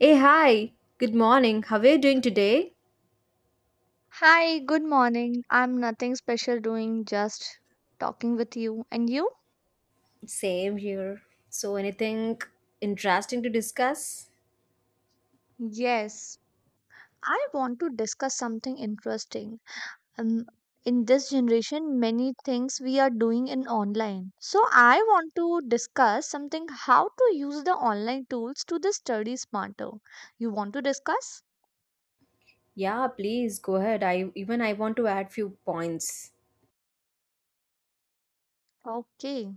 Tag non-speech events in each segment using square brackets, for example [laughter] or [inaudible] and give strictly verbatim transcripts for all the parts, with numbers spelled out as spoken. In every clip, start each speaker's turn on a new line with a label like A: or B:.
A: Hey, hi. Good morning. How are you doing today?
B: Hi, good morning. I'm nothing special doing, just talking with you. And you?
A: Same here. So, anything interesting to discuss?
B: Yes, I want to discuss something interesting. Um, in this generation, many things we are doing in online. So I want to discuss something how to use the online tools to the study smarter. You want to discuss?
A: Yeah, please go ahead. I even I want to add few points.
B: Okay.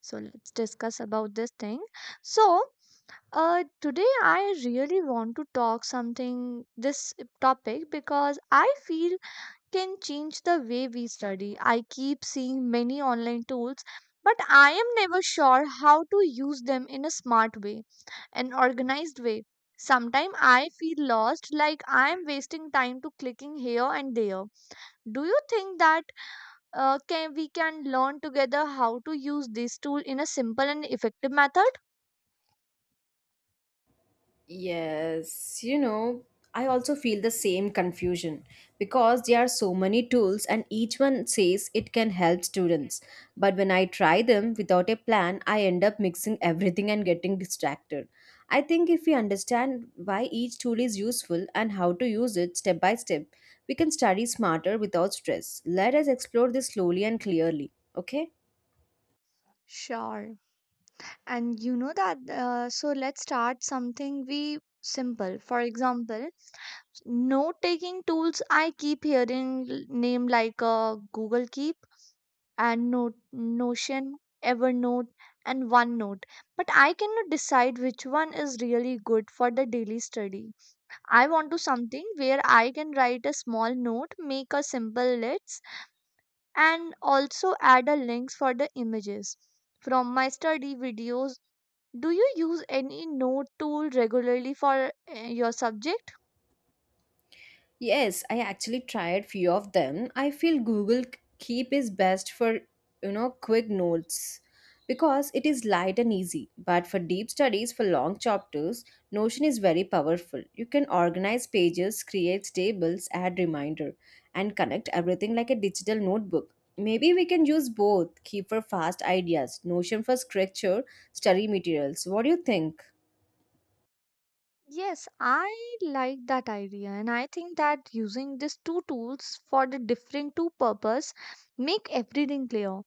B: So let's discuss about this thing. So Uh, today I really want to talk something this topic because I feel can change the way we study. I keep seeing many online tools, but I am never sure how to use them in a smart way, an organized way. Sometimes I feel lost, like I am wasting time to clicking here and there. Do you think that uh, can we can learn together how to use this tool in a simple and effective method?
A: Yes, you know, I also feel the same confusion because there are so many tools and each one says it can help students. But when I try them without a plan, I end up mixing [laughs] everything and getting distracted. I think if we understand why each tool is useful and how to use it step by step, we can study smarter without stress. Let us explore this slowly and clearly, okay?
B: Sure. And you know that uh, so let's start something we simple, for example, note taking tools. I keep hearing l- name like uh, Google Keep and note Notion, Evernote, and OneNote, but I cannot decide which one is really good for the daily study. I want to something where I can write a small note, make a simple list, and also add a links for the images from my study videos. Do you use any note tool regularly for uh, your subject?
A: Yes, I actually tried few of them. I feel Google Keep is best for, you know, quick notes because it is light and easy. But for deep studies for long chapters, Notion is very powerful. You can organize pages, create tables, add reminder and connect everything like a digital notebook. Maybe we can use both, Keep for fast ideas, Notion for structure, study materials. What do you think?
B: Yes, I like that idea, and I think that using these two tools for the different two purpose make everything clear.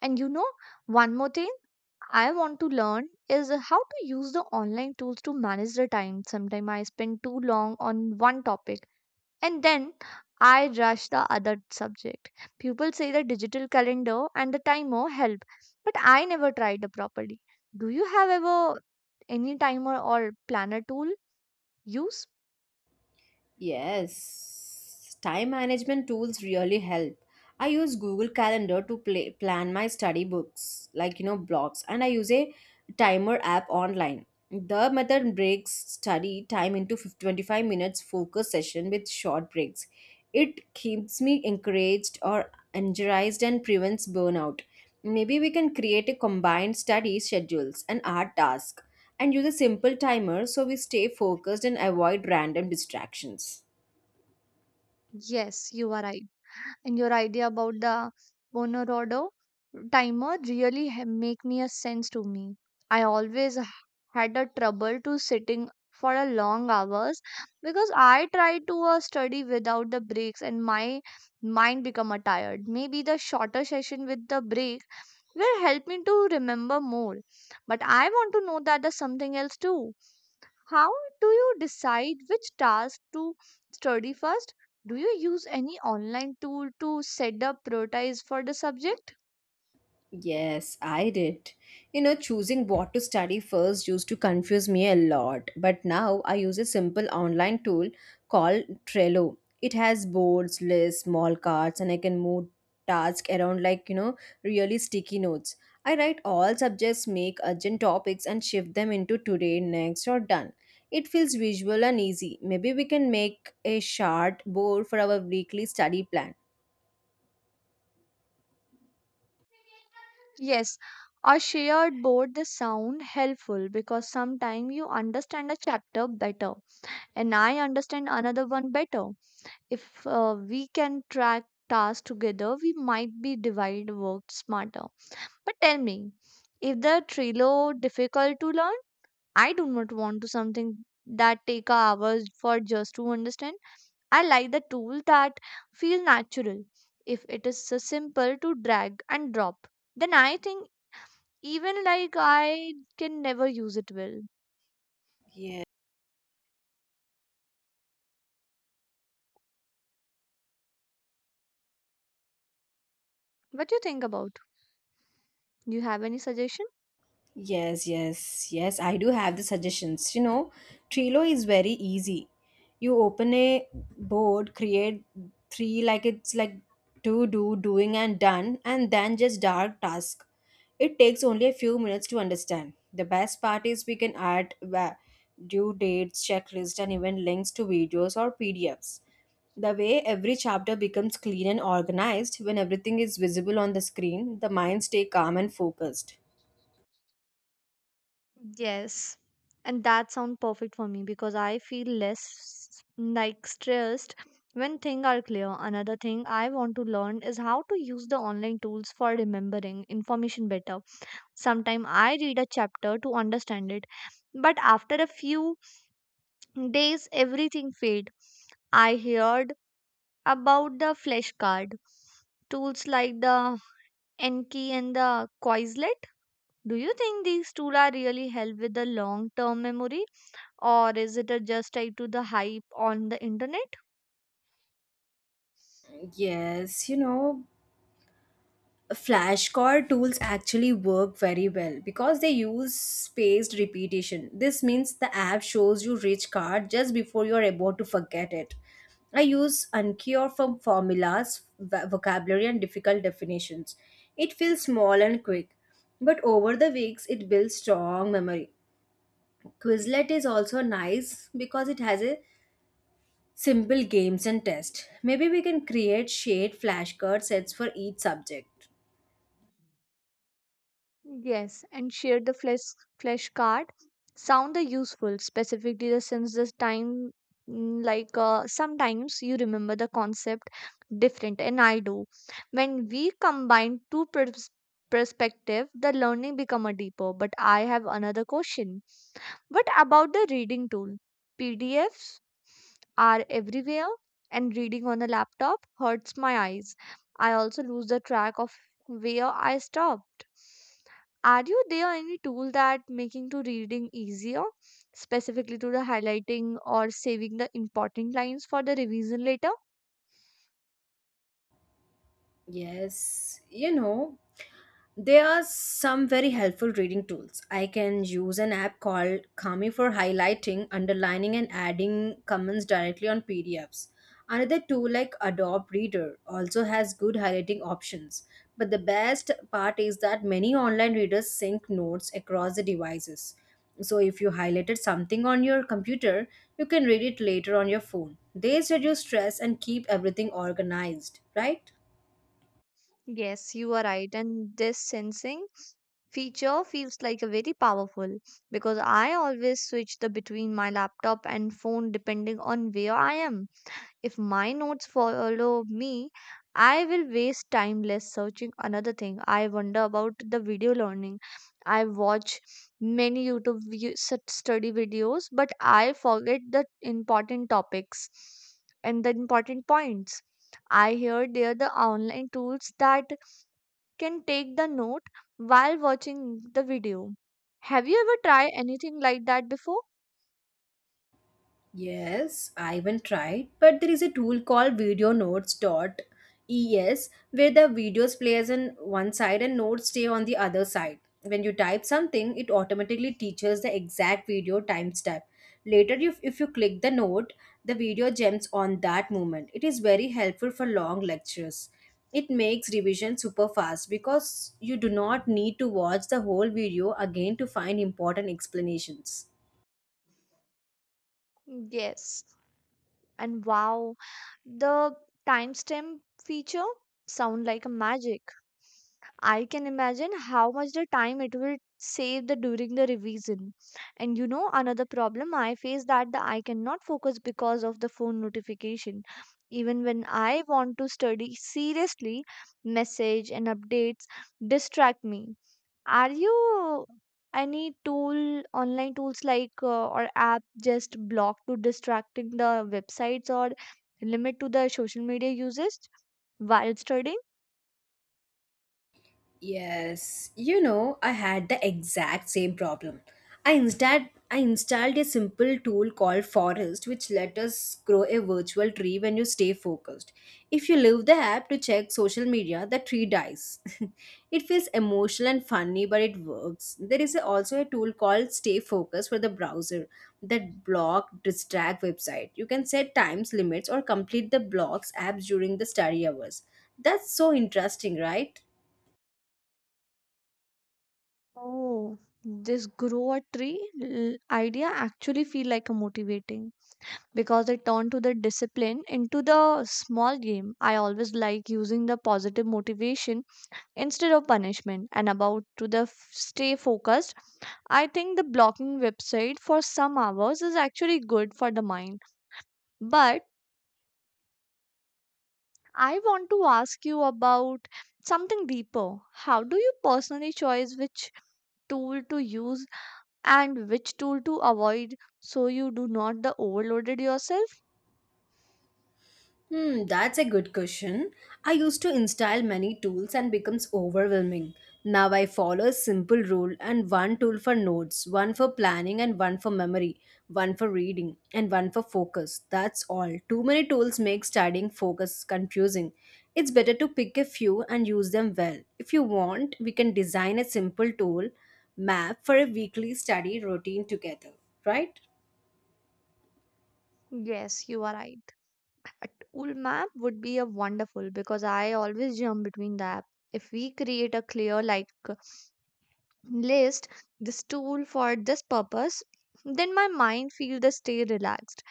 B: And you know, one more thing I want to learn is how to use the online tools to manage the time. Sometimes I spend too long on one topic and then I rush the other subject. People say the digital calendar and the timer help, but I never tried it properly. Do you have ever any timer or planner tool use?
A: Yes, time management tools really help. I use Google Calendar to play, plan my study books, like you know, blocks, and I use a timer app online. The method breaks study time into 50 25 minutes focus session with short breaks. It keeps me encouraged or energized and prevents burnout. Maybe we can create a combined study schedules and art task and use a simple timer so we stay focused and avoid random distractions.
B: Yes, you are right. And your idea about the Bonorado timer really ha- make me a sense to me. I always h- had a trouble to sitting for a long hours because I try to uh, study without the breaks and my mind become a tired. Maybe the shorter session with the break will help me to remember more. But I want to know that there's something else too. How do you decide which task to study first? Do you use any online tool to set up priorities for the subject?
A: Yes, I did. You know, choosing what to study first used to confuse me a lot, but now I use a simple online tool called Trello. It has boards, lists, small cards, and I can move tasks around like, you know, really sticky notes. I write all subjects, make urgent topics, and shift them into today, next, or done. It feels visual and easy. Maybe we can make a chart board for our weekly study plan.
B: Yes, a shared board this sound helpful because sometimes you understand a chapter better and I understand another one better. If uh, we can track tasks together, we might be divide work smarter. But tell me, is the Trello difficult to learn? I do not want to something that take hours for just to understand. I like the tool that feel natural. If it is so simple to drag and drop, then I think even like I can never use it well.
A: Yes.
B: What do you think about? Do you have any suggestion?
A: Yes, yes, yes. I do have the suggestions. You know, Trello is very easy. You open a board, create three like it's like to do, doing, and done, and then just dark task. It takes only a few minutes to understand. The best part is we can add va- due dates, checklist, and even links to videos or P D Fs. The way every chapter becomes clean and organized when everything is visible on the screen, the mind stay calm and focused.
B: Yes. And that sound perfect for me because I feel less like stressed when things are clear. Another thing I want to learn is how to use the online tools for remembering information better. Sometimes I read a chapter to understand it, but after a few days, everything fades. I heard about the flashcard tools like the Enki and the Quizlet. Do you think these tools are really help with the long term memory, or is it a just tied to the hype on the internet?
A: Yes, you know, flashcard tools actually work very well because they use spaced repetition. This means the app shows you rich card just before you're about to forget it. I use Uncure for formulas, v- vocabulary, and difficult definitions. It feels small and quick, but over the weeks, it builds strong memory. Quizlet is also nice because it has a simple games and tests. Maybe we can create shared flashcard sets for each subject.
B: Yes, and share the flesh flesh card. Sound the useful, specifically the since this time mm, like uh, sometimes you remember the concept different and I do. When we combine two pers- perspective, the learning become a deeper. But I have another question. What about the reading tool? P D Fs are everywhere and reading on a laptop hurts my eyes. I also lose the track of where I stopped. Are you there any tool that making to reading easier, specifically to the highlighting or saving the important lines for the revision later?
A: Yes, you know, There are some very helpful reading tools. I can use an app called Kami for highlighting, underlining, and adding comments directly on P D Fs. Another tool like Adobe Reader also has good highlighting options. But the best part is that many online readers sync notes across the devices. So if you highlighted something on your computer, you can read it later on your phone. These reduce stress and keep everything organized, right?
B: Yes, you are right. And this sensing feature feels like a very powerful because I always switch the between my laptop and phone depending on where I am. If my notes follow me, I will waste time less searching another thing. I wonder about the video learning. I watch many YouTube vi- such study videos, but I forget the important topics and the important points. I hear there are the online tools that can take the note while watching the video. Have you ever tried anything like that before?
A: Yes, I even tried, but there is a tool called Video Notes. Dot es where the videos plays on one side and notes stay on the other side. When you type something, it automatically teaches the exact video timestamp. Later, if, if you click the note, the video jumps on that moment. It is very helpful for long lectures. It makes revision super fast because you do not need to watch the whole video again to find important explanations.
B: Yes. And wow, the timestamp feature sound like a magic. I can imagine how much the time it will save the during the revision. And you know another problem I face that the I cannot focus because of the phone notification. Even when I want to study seriously, message and updates distract me. Are you any tool, online tools like uh, or app just block to distracting the websites or limit to the social media usage while studying?
A: Yes, you know, I had the exact same problem. I instead I installed a simple tool called Forest, which let us grow a virtual tree when you stay focused. If you leave the app to check social media, the tree dies. [laughs] It feels emotional and funny, but it works. There is also a tool called Stay Focused for the browser that block distract website. You can set times limits or complete the blocks apps during the study hours. That's so interesting, right?
B: Oh, this grow a tree l- idea actually feel like a motivating because it turn to the discipline into the small game. I always like using the positive motivation instead of punishment. And about to the f- stay focused, I think the blocking website for some hours is actually good for the mind. But I want to ask you about something deeper. How do you personally choose which tool to use and which tool to avoid, so you do not the overloaded yourself?
A: Hmm, that's a good question. I used to install many tools and becomes overwhelming. Now I follow a simple rule and one tool for notes, one for planning and one for memory, one for reading and one for focus. That's all. Too many tools make studying focus confusing. It's better to pick a few and use them well. If you want, we can design a simple tool map for a weekly study routine together, right?
B: Yes, you are right. A tool map would be a wonderful because I always jump between the app. If we create a clear like list, this tool for this purpose, then my mind feels the stay relaxed.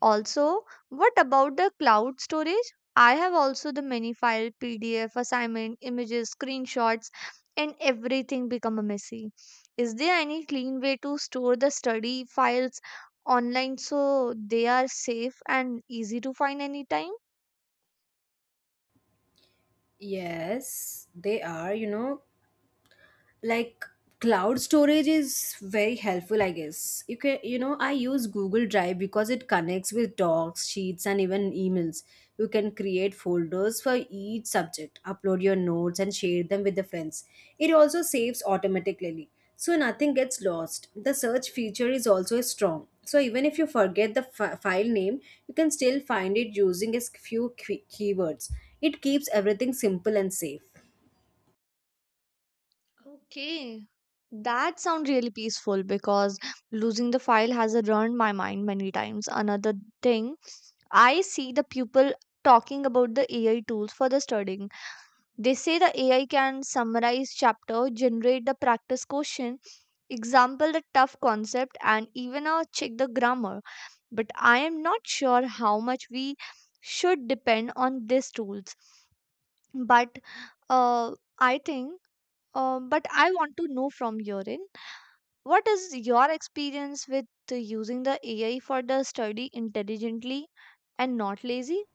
B: Also, what about the cloud storage? I have also the many file, PDF, assignment, images, screenshots, and everything become a messy. Is there any clean way to store the study files online, so they are safe and easy to find anytime?
A: Yes, they are, you know, like cloud storage is very helpful. I guess you can you know I use Google Drive because it connects with Docs, Sheets, and even emails. You can create folders for each subject, upload your notes, and share them with the friends. It also saves automatically, so nothing gets lost. The search feature is also strong, so even if you forget the fi- file name, you can still find it using a few key- keywords. It keeps everything simple and safe.
B: Okay. That sounds really peaceful because losing the file has ruined my mind many times. Another thing, I see the people talking about the A I tools for the studying. They say the A I can summarize chapter, generate the practice question, example the tough concept, and even uh, check the grammar. But I am not sure how much we should depend on these tools. But uh, I think, uh, but I want to know from your end, what is your experience with uh, using the A I for the study intelligently and not lazy?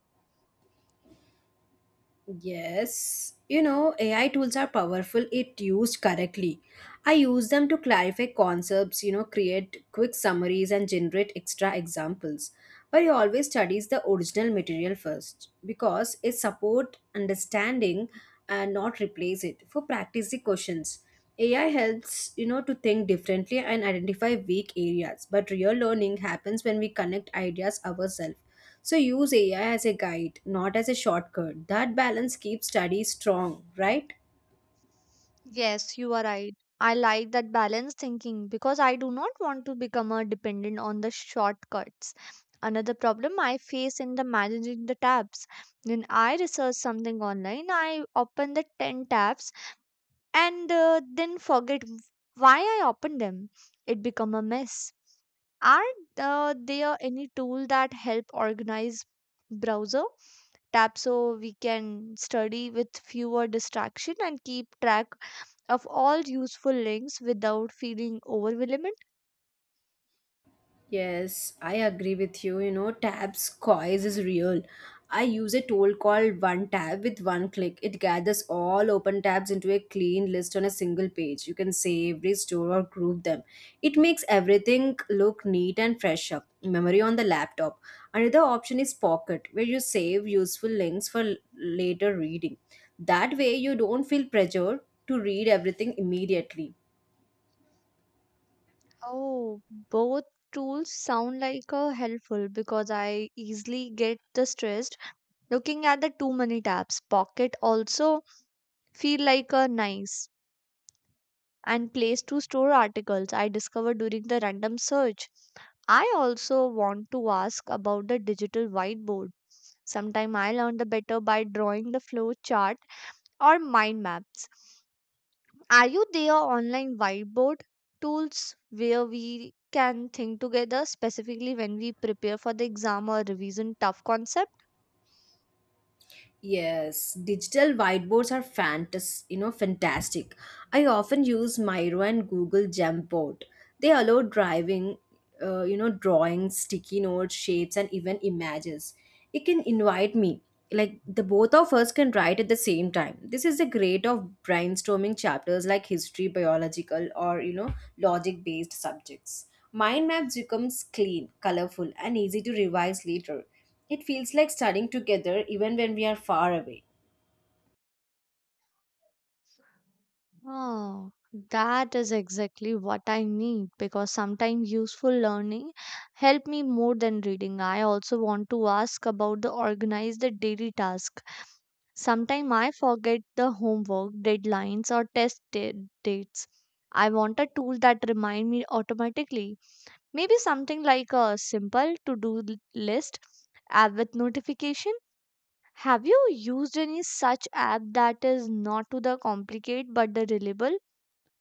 A: Yes, you know, A I tools are powerful if used correctly. I use them to clarify concepts, you know, create quick summaries and generate extra examples. But you always studies the original material first because it support understanding and not replace it for practice the questions. A I helps, you know, to think differently and identify weak areas, but real learning happens when we connect ideas ourselves. So use A I as a guide, not as a shortcut. That balance keeps study strong, right?
B: Yes, you are right. I like that balanced thinking because I do not want to become a dependent on the shortcuts. Another problem I face in the managing the tabs. When I research something online, I open the ten tabs and uh, then forget why I opened them. It become a mess. Are uh, there any tool that help organize browser tab, so we can study with fewer distraction and keep track of all useful links without feeling overwhelmed?
A: Yes, I agree with you. You know, Tab's coils is real. I use a tool called One Tab with one click. It gathers all open tabs into a clean list on a single page. You can save, restore, or group them. It makes everything look neat and fresh up. Memory on the laptop. Another option is Pocket, where you save useful links for l- later reading. That way, you don't feel pressure to read everything immediately.
B: Oh, both tools sound like a helpful because I easily get the stressed looking at the too many tabs. Pocket also feel like a nice and place to store articles I discovered during the random search. I also want to ask about the digital whiteboard. Sometime I learn the better by drawing the flow chart or mind maps. Are you there online whiteboard tools where we can think together, specifically when we prepare for the exam or revision tough concepts?
A: Yes, digital whiteboards are fantas- you know, fantastic. I often use Miro and Google Jamboard. They allow driving, uh, you know, drawings, sticky notes, shapes, and even images. It can invite me. Like the both of us can write at the same time. This is the great of brainstorming chapters like history, biological, or you know, logic-based subjects. Mind maps becomes clean, colorful, and easy to revise later. It feels like studying together even when we are far away.
B: Oh, that is exactly what I need because sometimes useful learning help me more than reading. I also want to ask about the organize the daily task. Sometimes I forget the homework, deadlines or test da- dates. I want a tool that remind me automatically. Maybe something like a simple to-do l- list app with notification. Have you used any such app that is not to the complicate but the reliable,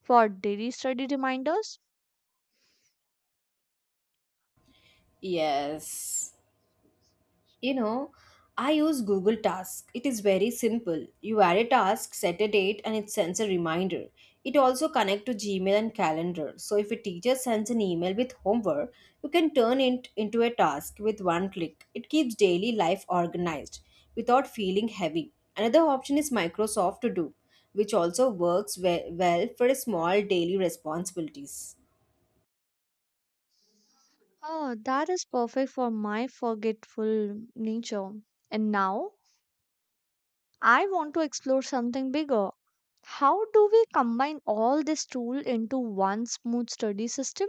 B: for daily study reminders?
A: Yes. You know, I use Google Tasks. It is very simple. You add a task, set a date, and it sends a reminder. It also connects to Gmail and Calendar. So if a teacher sends an email with homework, you can turn it into a task with one click. It keeps daily life organized without feeling heavy. Another option is Microsoft To Do, which also works we- well for small daily responsibilities.
B: Oh, that is perfect for my forgetful nature. And now I want to explore something bigger. How do we combine all this tool into one smooth study system?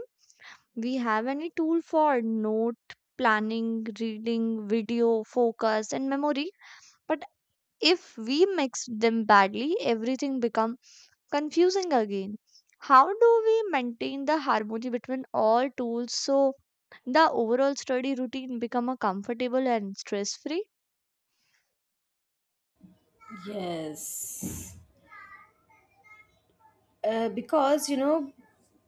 B: We have any tool for note planning, reading, video, focus and memory, but if we mix them badly, everything become confusing again. How do we maintain the harmony between all tools, so the overall study routine become a comfortable and stress free?
A: Yes. Uh, because you know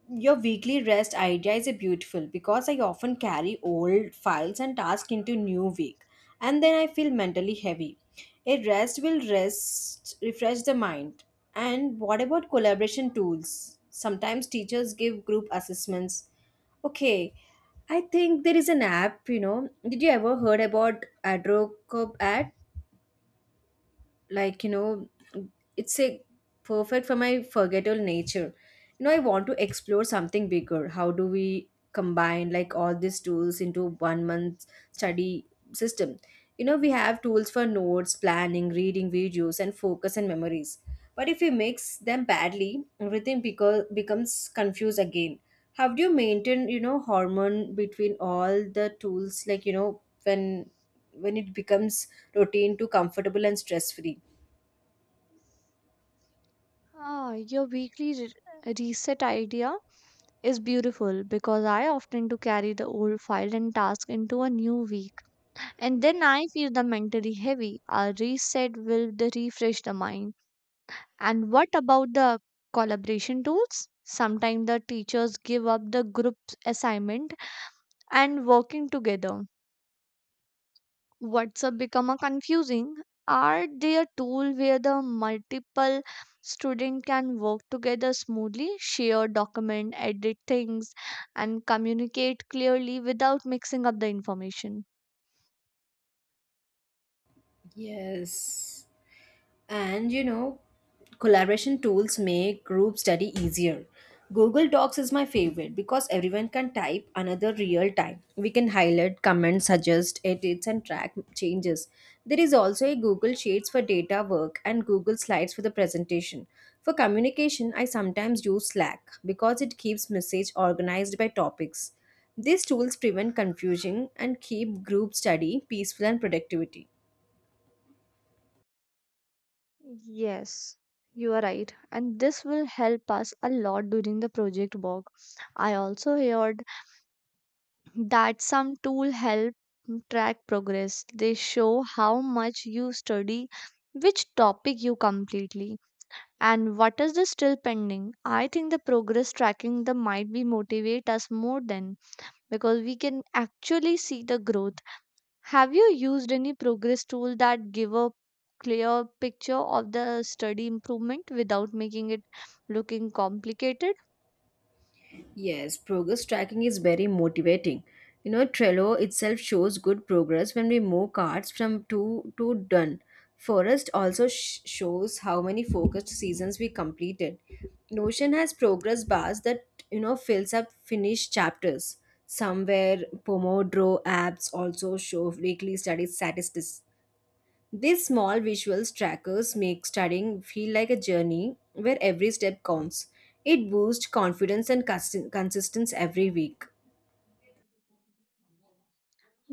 A: your weekly rest idea is a beautiful because I often carry old files and tasks into new week, and then I feel mentally heavy. A rest will rest refresh the mind. And what about collaboration tools? Sometimes teachers give group assessments, okay? I think there is an app, you know did you ever heard about adrocop ad? like you know it's a perfect for my forgetful nature. you know I want to explore something bigger. How do we combine like all these tools into one month study system? you know we have tools for notes, planning, reading, videos and focus and memories. But if we mix them badly, everything beco- becomes confused again. How do you maintain, you know hormone between all the tools, like you know when when it becomes routine to comfortable and stress free?
B: Ah, your weekly re- reset idea is beautiful because I often do carry the old file and task into a new week, and then I feel the mentally heavy. A reset will the refresh the mind. And what about the collaboration tools? Sometimes the teachers give up the group assignment, and working together WhatsApp become a confusing? Are they a tool where the multiple student can work together smoothly, share document, edit things, and communicate clearly without mixing up the information?
A: Yes. And you know, collaboration tools make group study easier. Google Docs is my favorite because everyone can type another real time. We can highlight, comment, suggest, edits, and track changes. There is also a Google Sheets for data work and Google Slides for the presentation. For communication, I sometimes use Slack because it keeps message organized by topics. These tools prevent confusion and keep group study peaceful and productivity.
B: Yes, you are right. And this will help us a lot during the project work. I also heard that some tool help track progress. They show how much you study, which topic you completely And what is the still pending? I think the progress tracking the might be motivate us more than because we can actually see the growth. Have you used any progress tool that give a clear picture of the study improvement without making it looking complicated?
A: Yes, progress tracking is very motivating. You know, Trello itself shows good progress when we move cards from to to done. Forest also sh- shows how many focused seasons we completed. Notion has progress bars that you know fills up finished chapters. Somewhere Pomodoro apps also show weekly study statistics. These small visuals trackers make studying feel like a journey where every step counts. It boosts confidence and cons- consistency every week.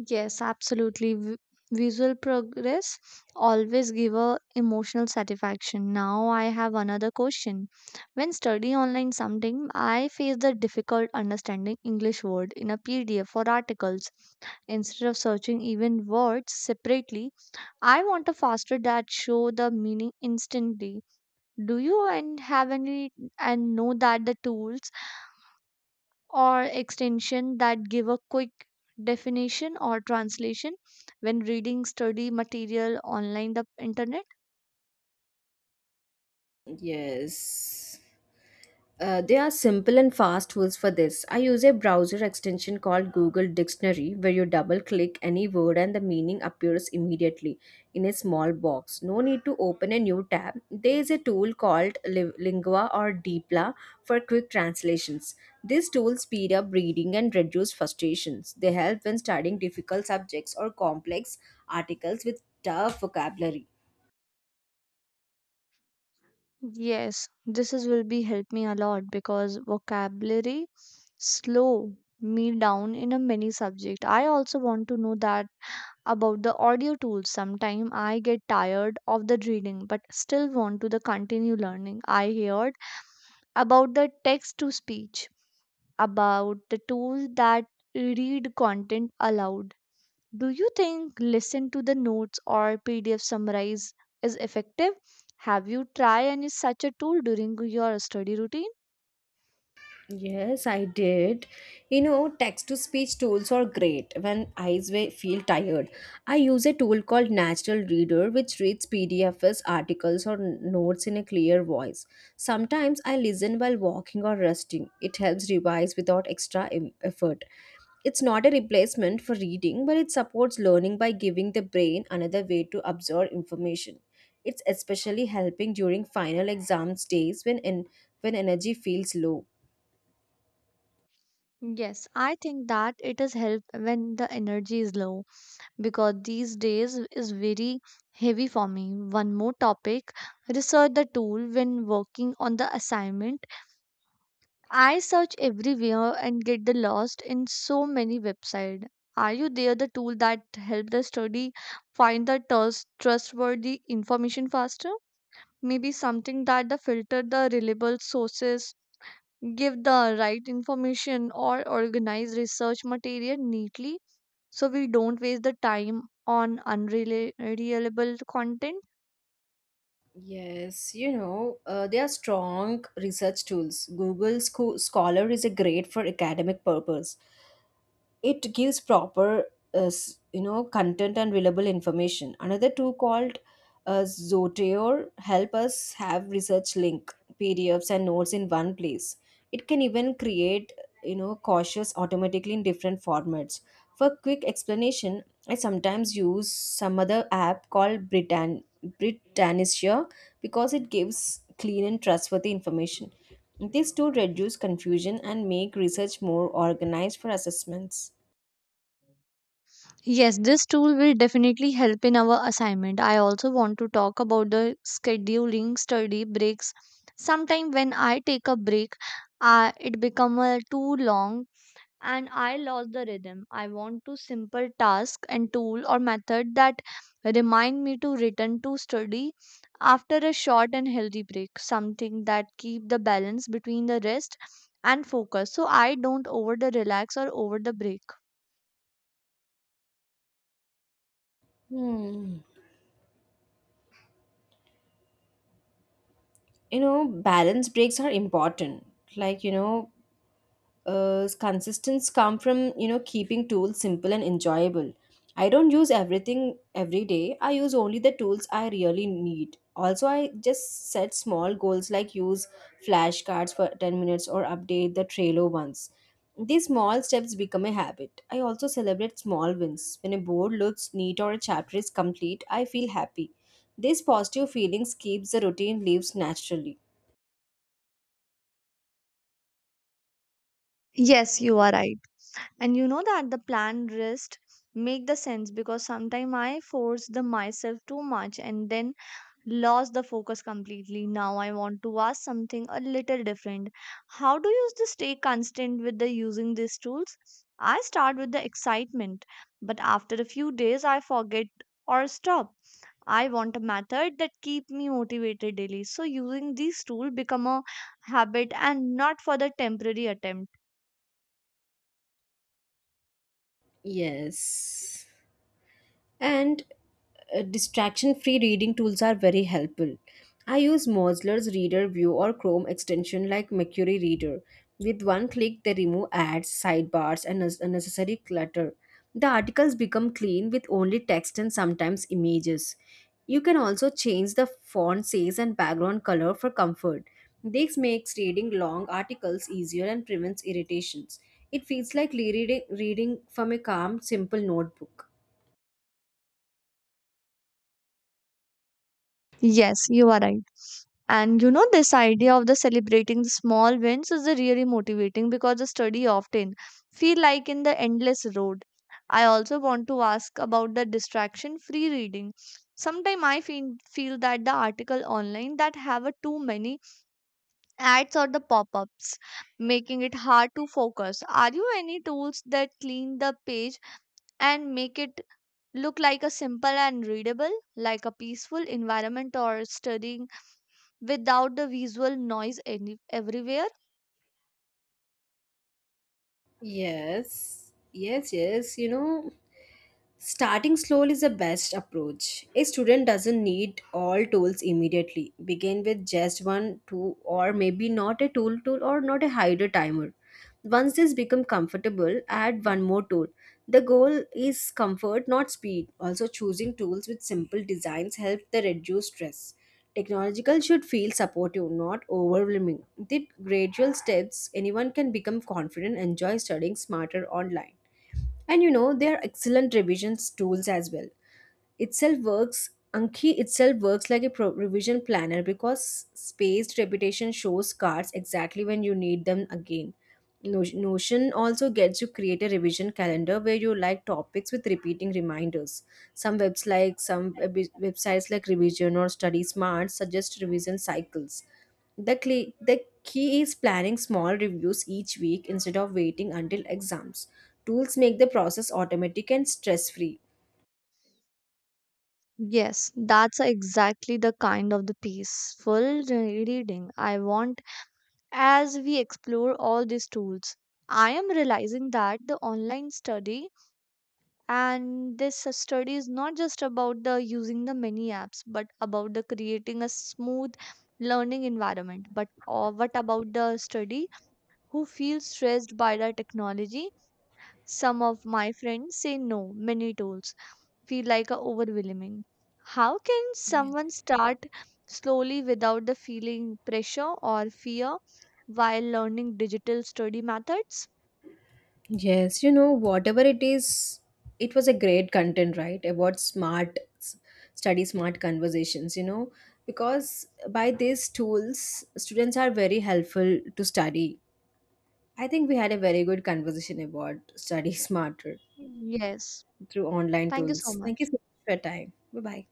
B: Yes, absolutely. V- visual progress always give a emotional satisfaction. Now I have another question. When studying online something, I face the difficult understanding English word in a P D F or articles. Instead of searching even words separately, I want a faster that show the meaning instantly. Do you and have any and know that the tools or extension that give a quick definition or translation when reading study material online the internet.
A: Yes. Uh, there are simple and fast tools for this. I use a browser extension called Google Dictionary where you double click any word and the meaning appears immediately in a small box. No need to open a new tab. There is a tool called Li- Lingua or Deepla for quick translations. These tools speed up reading and reduce frustrations. They help when studying difficult subjects or complex articles with tough vocabulary.
B: Yes this is will be help me a lot because vocabulary slow me down in a many subject. I also want to know that about the audio tools. Sometime I get tired of the reading but still want to the continue learning. I heard about the text to speech, about the tools that read content aloud. Do you think listen to the notes or P D F summarize is effective? Have you tried any such a tool during your study routine?
A: Yes, I did. You know, text to speech tools are great when I wa- feel tired. I use a tool called Natural Reader, which reads P D Fs, articles, or notes in a clear voice. Sometimes I listen while walking or resting. It helps revise without extra em- effort. It's not a replacement for reading, but it supports learning by giving the brain another way to absorb information. It's especially helping during final exams days when en- when energy feels low.
B: Yes, I think that it is help when the energy is low because these days is very heavy for me. One more topic, research the tool when working on the assignment. I search everywhere and get the lost in so many websites. Are you there the tool that help the study find the trust, trustworthy information faster? Maybe something that the filter the reliable sources, give the right information or organize research material neatly so we don't waste the time on unreliable content.
A: Yes, you know, uh, they are strong research tools. Google Scho- Scholar is a great for academic purpose, it gives proper uh, s- you know content and reliable information. Another tool called uh, zotero help us have research link, pdfs and notes in one place. It can even create you know cautious automatically in different formats for quick explanation. I sometimes use some other app called britann britannia because it gives clean and trustworthy information. This tool reduce confusion and make research more organized for assessments.
B: Yes, this tool will definitely help in our assignment. I also want to talk about the scheduling study breaks. Sometime when I take a break, uh, it become uh, too long and I lost the rhythm. I want to simple task and tool or method that remind me to return to study after a short and healthy break. Something that keep the balance between the rest and focus, so I don't over the relax or over the break.
A: Hmm. You know, balance breaks are important. Like, you know, uh, consistence come from you know keeping tools simple and enjoyable. I don't use everything every day, I use only the tools I really need. Also, I just set small goals like use flashcards for ten minutes or update the trello once. These small steps become a habit. I also celebrate small wins when a board looks neat or a chapter is complete, I feel happy. These positive feelings keeps the routine lives naturally.
B: Yes, you are right and you know that the planned rest make the sense because sometimes I force the myself too much and then lost the focus completely. Now I want to ask something a little different. How do you s- stay constant with the using these tools. I start with the excitement but after a few days I forget or stop. I want a method that keep me motivated daily so using these tool become a habit and not for the temporary attempt.
A: Yes. And uh, distraction free reading tools are very helpful. I use Mozler's Reader View or Chrome extension like Mercury Reader. With one click, they remove ads, sidebars, and un- unnecessary clutter. The articles become clean with only text and sometimes images. You can also change the font size and background color for comfort. This makes reading long articles easier and prevents irritations. It feels like reading, reading from a calm, simple notebook.
B: Yes you are right. And you know, this idea of the celebrating the small wins is the really motivating because the study often feel like in the endless road. I also want to ask about the distraction free reading. Sometimes I feel, feel that the article online that have a too many ads or the pop-ups, making it hard to focus. Are you any tools that clean the page and make it look like a simple and readable, like a peaceful environment or studying without the visual noise any, everywhere?
A: Yes, yes, yes. You know, starting slowly is the best approach. A student doesn't need all tools immediately. Begin with just one, two, or maybe not a tool tool or not a hydro timer. Once this become comfortable, add one more tool. The goal is comfort, not speed. Also, choosing tools with simple designs help the reduce stress. Technological should feel supportive, not overwhelming. With gradual steps, anyone can become confident and enjoy studying smarter online. And you know, there are excellent revisions tools as well. Itself works, Anki itself works like a pro- revision planner because spaced repetition shows cards exactly when you need them again. No- Notion also gets you create a revision calendar where you like topics with repeating reminders. Some webs like some web- websites like Revision or Study Smart suggest revision cycles. The cl- the key is planning small reviews each week instead of waiting until exams. Tools make the process automatic and stress free.
B: Yes, that's exactly the kind of the peaceful re- reading I want as we explore all these tools. I am realizing that the online study and this study is not just about the using the many apps, but about the creating a smooth learning environment. But uh, what about the study who feels stressed by the technology? Some of my friends say no, many tools feel like a overwhelming. How can someone start slowly without the feeling pressure or fear while learning digital study methods?
A: Yes, you know, whatever it is, it was a great content, right? About smart s- study, smart conversations, you know, because by these tools, students are very helpful to study. I think we had a very good conversation about study [laughs] smarter
B: Yes.
A: through online
B: Thank you so
A: tools. Thank you
B: much.
A: so much for your time. Bye bye.